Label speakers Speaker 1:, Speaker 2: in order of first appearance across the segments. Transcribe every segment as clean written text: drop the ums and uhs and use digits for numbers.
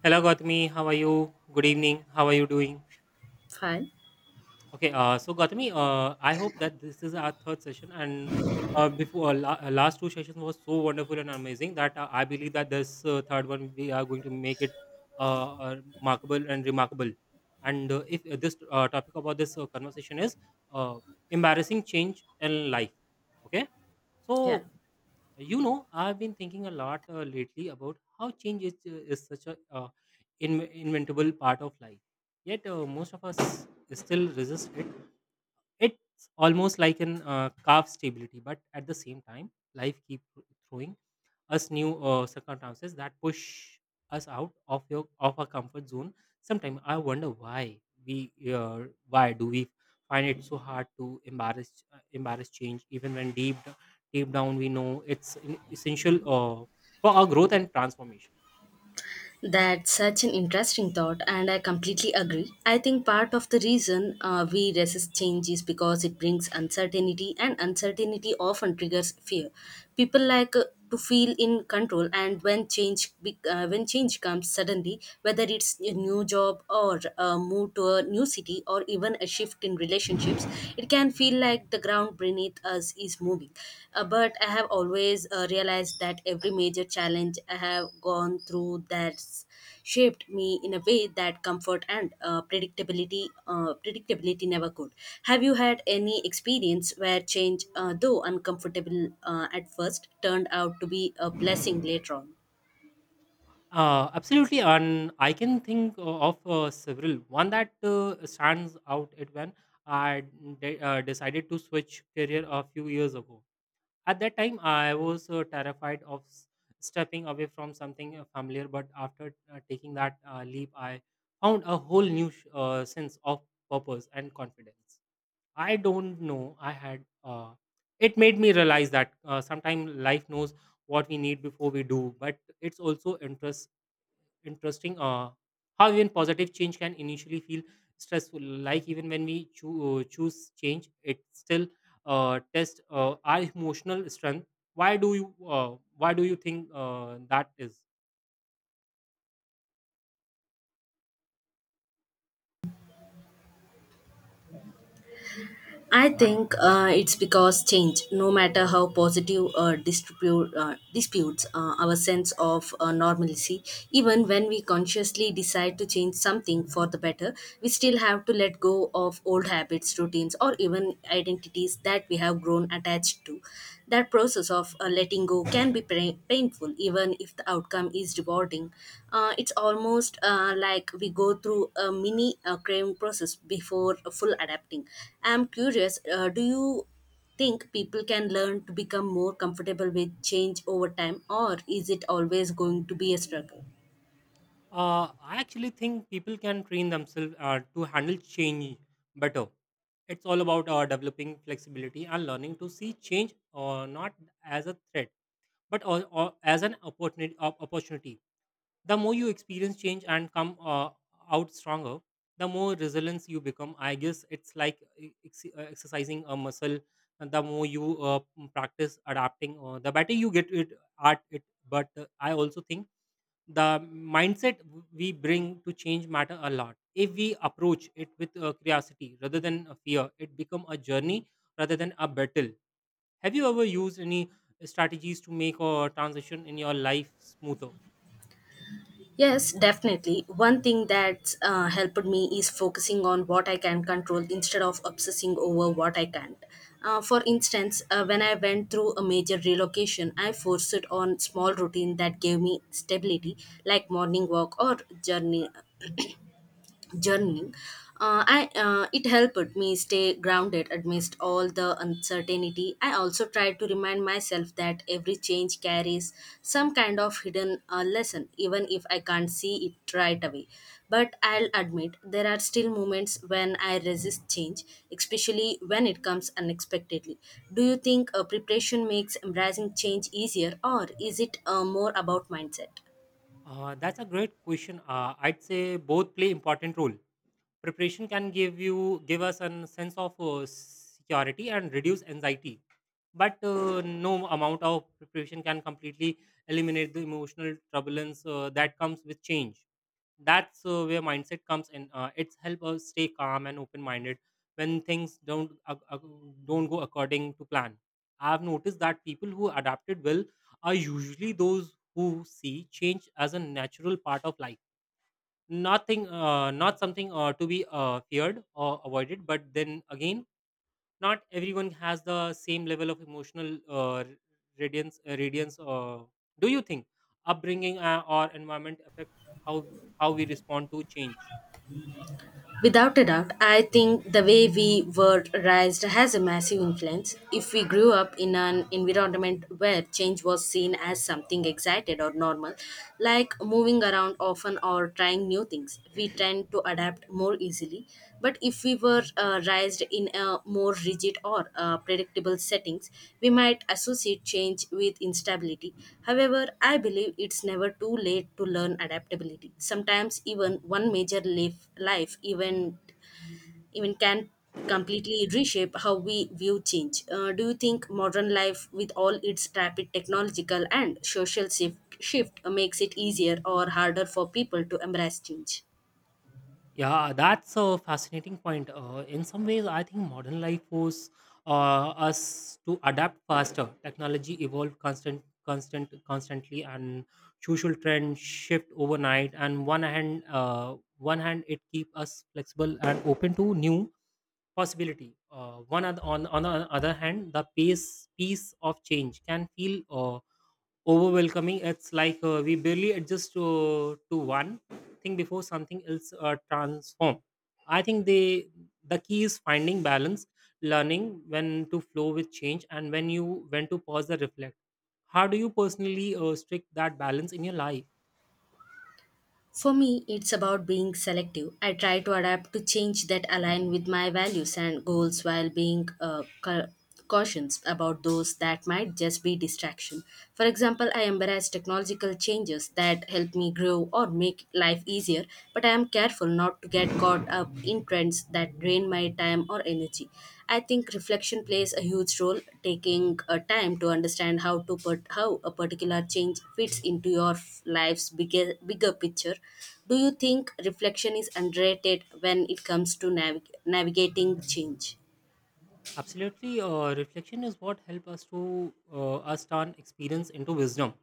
Speaker 1: Hello, Gautami. How are you? Good evening. How are you doing?
Speaker 2: Fine.
Speaker 1: Okay, so Gautami, I hope that this is our third session, and before last two sessions was so wonderful and amazing that I believe that this third one we are going to make it remarkable and remarkable. And if this topic about this conversation is uh, embarrassing change in life, okay?
Speaker 2: Yeah.
Speaker 1: So I've been thinking a lot lately about how change is, is such a inventable part of life. Yet most of us still resist it. It's almost like an calf stability, but at the same time, life keeps throwing us new circumstances that push us out of your of our comfort zone. Sometimes I wonder why we uh, why do we find it so hard to embarrass embarrass change even when deep down we know it's essential for our growth and transformation.
Speaker 2: That's such an interesting thought, and I completely agree. I think part of the reason we resist change is because it brings uncertainty, and uncertainty often triggers fear. People like to feel in control, and when change comes suddenly, whether it's a new job or a move to a new city or even a shift in relationships, it can feel like the ground beneath us is moving. But I have always realized that every major challenge I have gone through, that's shaped me in a way that comfort and predictability never could. Have you had any experience where change, though uncomfortable at first, turned out to be a blessing later on?
Speaker 1: Absolutely, and I can think of several one that stands out it when I decided to switch career a few years ago. At that time, I was terrified of stepping away from something familiar, but after taking that leap, I found a whole new sense of purpose and confidence. I don't know, I had. It made me realize that sometimes life knows what we need before we do, but it's also interesting how even positive change can initially feel stressful, like even when we choose change it still tests our emotional strength. Why do you think that is?
Speaker 2: I
Speaker 1: And
Speaker 2: think it's because change, no matter how positive or distribute, disputes our sense of normalcy, even when we consciously decide to change something for the better, we still have to let go of old habits, routines, or even identities that we have grown attached to. That process of letting go can be painful, even if the outcome is rewarding. It's almost like we go through a mini craving process before a full adapting. I'm curious, do you think people can learn to become more comfortable with change over time, or is it always going to be a struggle?
Speaker 1: uh, I actually think people can train themselves to handle change better. It's all about developing flexibility and learning to see change not as a threat but as an opportunity, opportunity. The more you experience change and come out stronger, the more resilience you become. I guess it's like exercising a muscle, and the more you practice adapting the better you get it at it. But I also think the mindset we bring to change matter a lot. If we approach it with curiosity rather than a fear, it become a journey rather than a battle. Have you ever used any strategies to make a transition in your life smoother?
Speaker 2: Yes, definitely. One thing that's helped me is focusing on what I can control instead of obsessing over what I can't. For instance, when I went through a major relocation, I forced it on small routine that gave me stability, like morning walk or journey journey. It helped me stay grounded amidst all the uncertainty. I also tried to remind myself that every change carries some kind of hidden lesson, even if I can't see it right away. But I'll admit there are still moments when I resist change, especially when it comes unexpectedly. Do you think preparation makes embracing change easier, or is it more about mindset?
Speaker 1: That's a great question. I'd say both play important role. Preparation can give us a sense of security and reduce anxiety, but no amount of preparation can completely eliminate the emotional turbulence that comes with change. That's where mindset comes in. It's help us stay calm and open minded when things don't go according to plan. I've noticed that people who adapted well are usually those who see change as a natural part of life, not something to be feared or avoided. But then again, not everyone has the same level of emotional radiance radiance. Do you think upbringing or environment affect how how we respond to change?
Speaker 2: Without a doubt, I think the way we were raised has a massive influence. If we grew up in an environment where change was seen as something excited or normal, like moving around often or trying new things, we tend to adapt more easily. But if we were raised in a more rigid or predictable settings, we might associate change with instability. However, I believe it's never too late to learn adaptability. Sometimes even one major life event even can completely reshape how we view change. Do you think modern life with all its rapid technological and social shift, makes it easier or harder for people to embrace change?
Speaker 1: Yeah, that's a fascinating point. In some ways, I think modern life forces us to adapt faster. Technology evolve constantly, and social trends shift overnight. And one hand, it keep us flexible and open to new possibility. One oth- on the other hand, the pace of change can feel overwhelming. It's like we barely adjust to, one thing before something else transform. I think the key is finding balance, learning when to flow with change and when to pause and reflect. How do you personally strict that balance in your life?
Speaker 2: For me, it's about being selective. I try to adapt to change that align with my values and goals while being cautious about those that might just be distraction. For example, I embrace technological changes that help me grow or make life easier, but I am careful not to get caught up in trends that drain my time or energy. I think reflection plays a huge role, taking a time to understand how to put how a particular change fits into your life's bigger picture. Do you think reflection is underrated when it comes to navigating change?
Speaker 1: Absolutely, reflection is what help us turn experience into wisdom.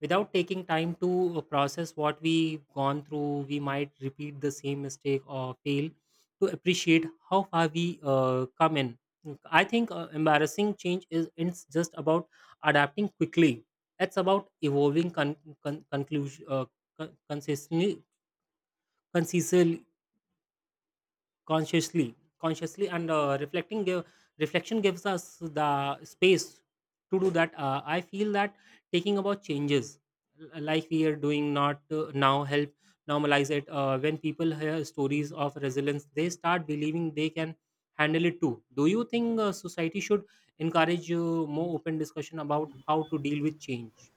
Speaker 1: Without taking time to process what we've gone through, we might repeat the same mistake or fail to appreciate how far we come in. I think embarrassing change is it's just about adapting quickly. It's about evolving con- con- conclusion con- consistently consistently consciously consciously, and reflection gives us the space to do that. I feel that taking about changes, like we are doing not now, help normalize it. When people hear stories of resilience, they start believing they can handle it too. Do you think society should encourage more open discussion about how to deal with change?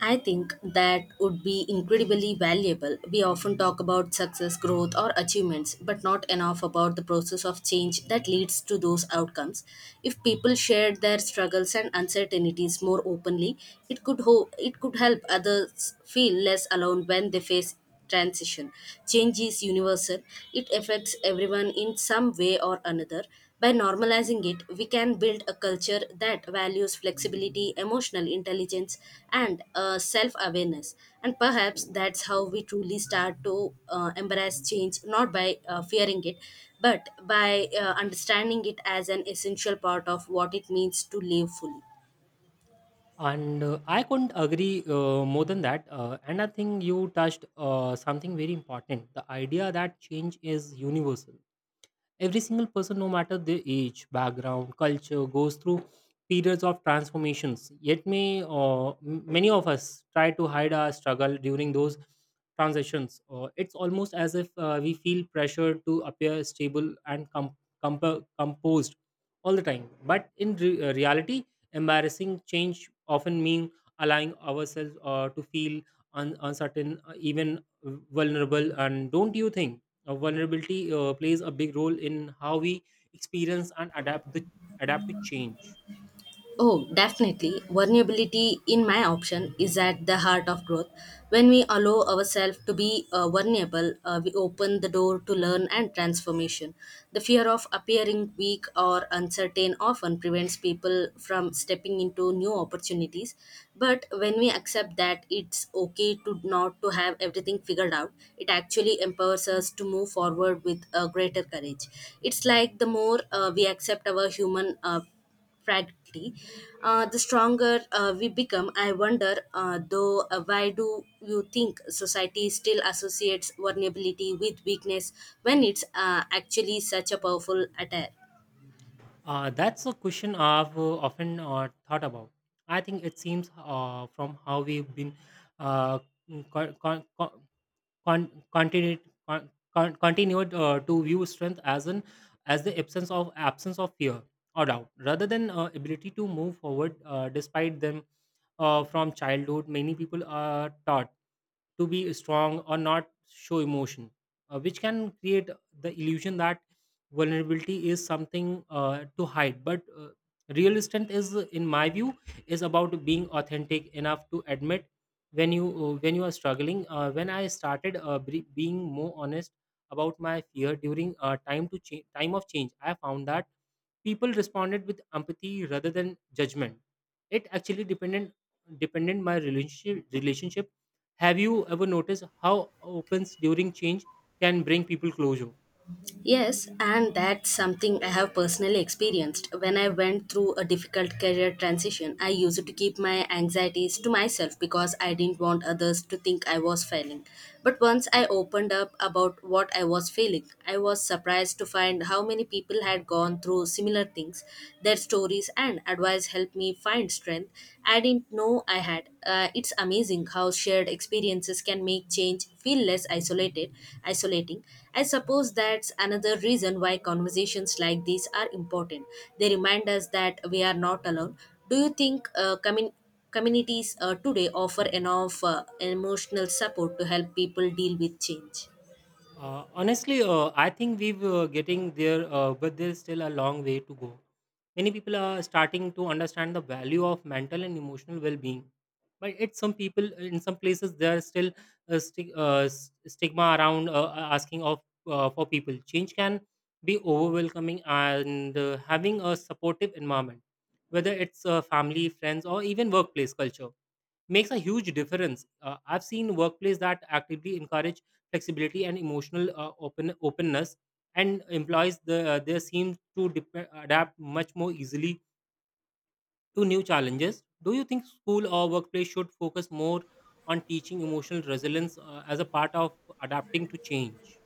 Speaker 2: I think that would be incredibly valuable. We often talk about success, growth, or achievements, but not enough about the process of change that leads to those outcomes. If people shared their struggles and uncertainties more openly, it it could help others feel less alone when they face transition. Change is universal, it affects everyone in some way or another. By normalizing it, we can build a culture that values flexibility, emotional intelligence, and self awareness. And perhaps that's how we truly start to embrace change, not by fearing it, but by understanding it as an essential part of what it means to live fully.
Speaker 1: And I couldn't agree more than that. And I think you touched something very important, the idea that change is universal. Every single person, no matter their age, background, culture, goes through periods of transformations. Yet, many of us try to hide our struggle during those transitions. It's almost as if we feel pressure to appear stable and composed all the time. But in reality, embarrassing change often mean allowing ourselves to feel uncertain, even vulnerable. And don't you think vulnerability plays a big role in how we experience and adapt the adapt to change?
Speaker 2: Oh, definitely. Vulnerability, in my option, is at the heart of growth. When we allow ourselves to be vulnerable, we open the door to learn and transformation. The fear of appearing weak or uncertain often prevents people from stepping into new opportunities. But when we accept that it's okay to not to have everything figured out, it actually empowers us to move forward with a greater courage. It's like the more we accept our human, frankly, the stronger we become. I wonder, though, why do you think society still associates vulnerability with weakness when it's actually such a powerful attire?
Speaker 1: That's a question I've often thought about. I think it seems from how we've been uh, con- con- con- con- continued con- continued to view strength as an as the absence of fear or doubt, rather than ability to move forward despite them. From childhood, many people are taught to be strong or not show emotion, which can create the illusion that vulnerability is something to hide. But real strength is, in my view, is about being authentic enough to admit when you are struggling. When I started being more honest about my fear during time of change, I found that people responded with empathy rather than judgment. It actually depended dependent my relationship. Have you ever noticed how opens during change can bring people closure?
Speaker 2: Yes, and that's something I have personally experienced. When I went through a difficult career transition, I used to keep my anxieties to myself because I didn't want others to think I was failing. But once I opened up about what I was feeling, I was surprised to find how many people had gone through similar things. Their stories and advice helped me find strength I didn't know I had. It's amazing how shared experiences can make change feel less isolating. I suppose that's another reason why conversations like these are important. They remind us that we are not alone. Do you think communities today offer enough emotional support to help people deal with change?
Speaker 1: Honestly, I think we've getting there, but there's still a long way to go. Many people are starting to understand the value of mental and emotional well-being, but it's some people in some places there are still s- stigma around asking of for people. Change can be overwhelming, and having a supportive environment, whether it's family, friends, or even workplace culture, makes a huge difference. I've seen workplace that actively encourage flexibility and emotional openness, and they seem to adapt much more easily to new challenges. Do you think school or workplace should focus more on teaching emotional resilience as a part of adapting to change?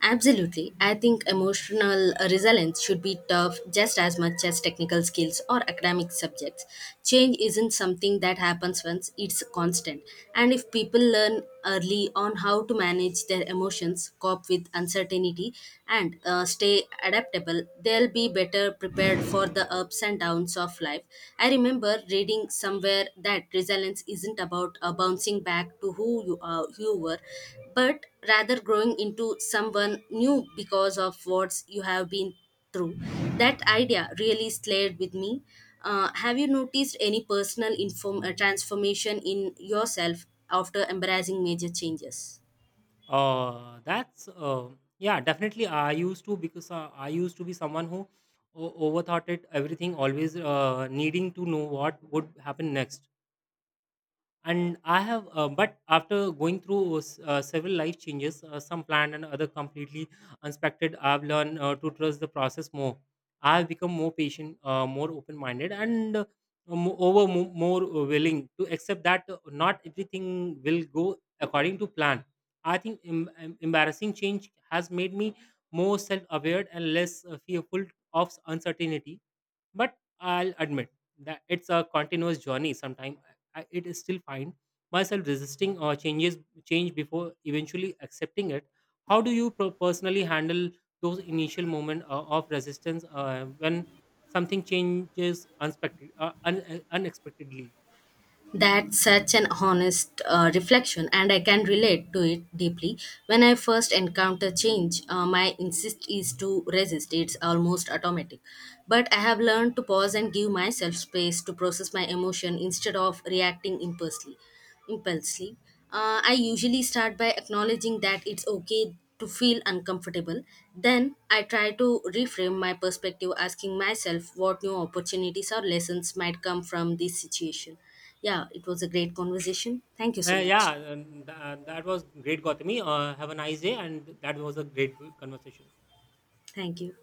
Speaker 2: Absolutely. I think emotional resilience should be tough just as much as technical skills or academic subjects. Change isn't something that happens once, it's constant. And if people learn early on how to manage their emotions, cope with uncertainty, and stay adaptable, they'll be better prepared for the ups and downs of life. I remember reading somewhere that resilience isn't about bouncing back to who you were, but rather growing into someone new because of what you have been through. That idea really stayed with me. Have you noticed any personal transformation in yourself after embracing major changes?
Speaker 1: That's Yeah, definitely. I used to be someone who overthought it everything, always needing to know what would happen next, and I have but after going through several life changes, some planned and other completely unexpected, I've learned to trust the process more. I've become more patient, more open minded, and more willing to accept that not everything will go according to plan. I think embarrassing change has made me more self aware and less fearful of uncertainty. But I'll admit that it's a continuous journey. Sometimes I, it is still fine myself resisting or changes change before eventually accepting it. How do you personally handle those initial moment of resistance when something changes unexpectedly?
Speaker 2: That's such an honest reflection, and I can relate to it deeply. When I first encounter change, my insist is to resist. It's almost automatic. But I have learned to pause and give myself space to process my emotion instead of reacting impulsively. I usually start by acknowledging that it's okay to feel uncomfortable. Then I try to reframe my perspective, asking myself what new opportunities or lessons might come from this situation. Yeah, it was a great conversation. Thank you so much.
Speaker 1: That was great, Gautami. Have a nice day, and that was a great conversation.
Speaker 2: Thank you.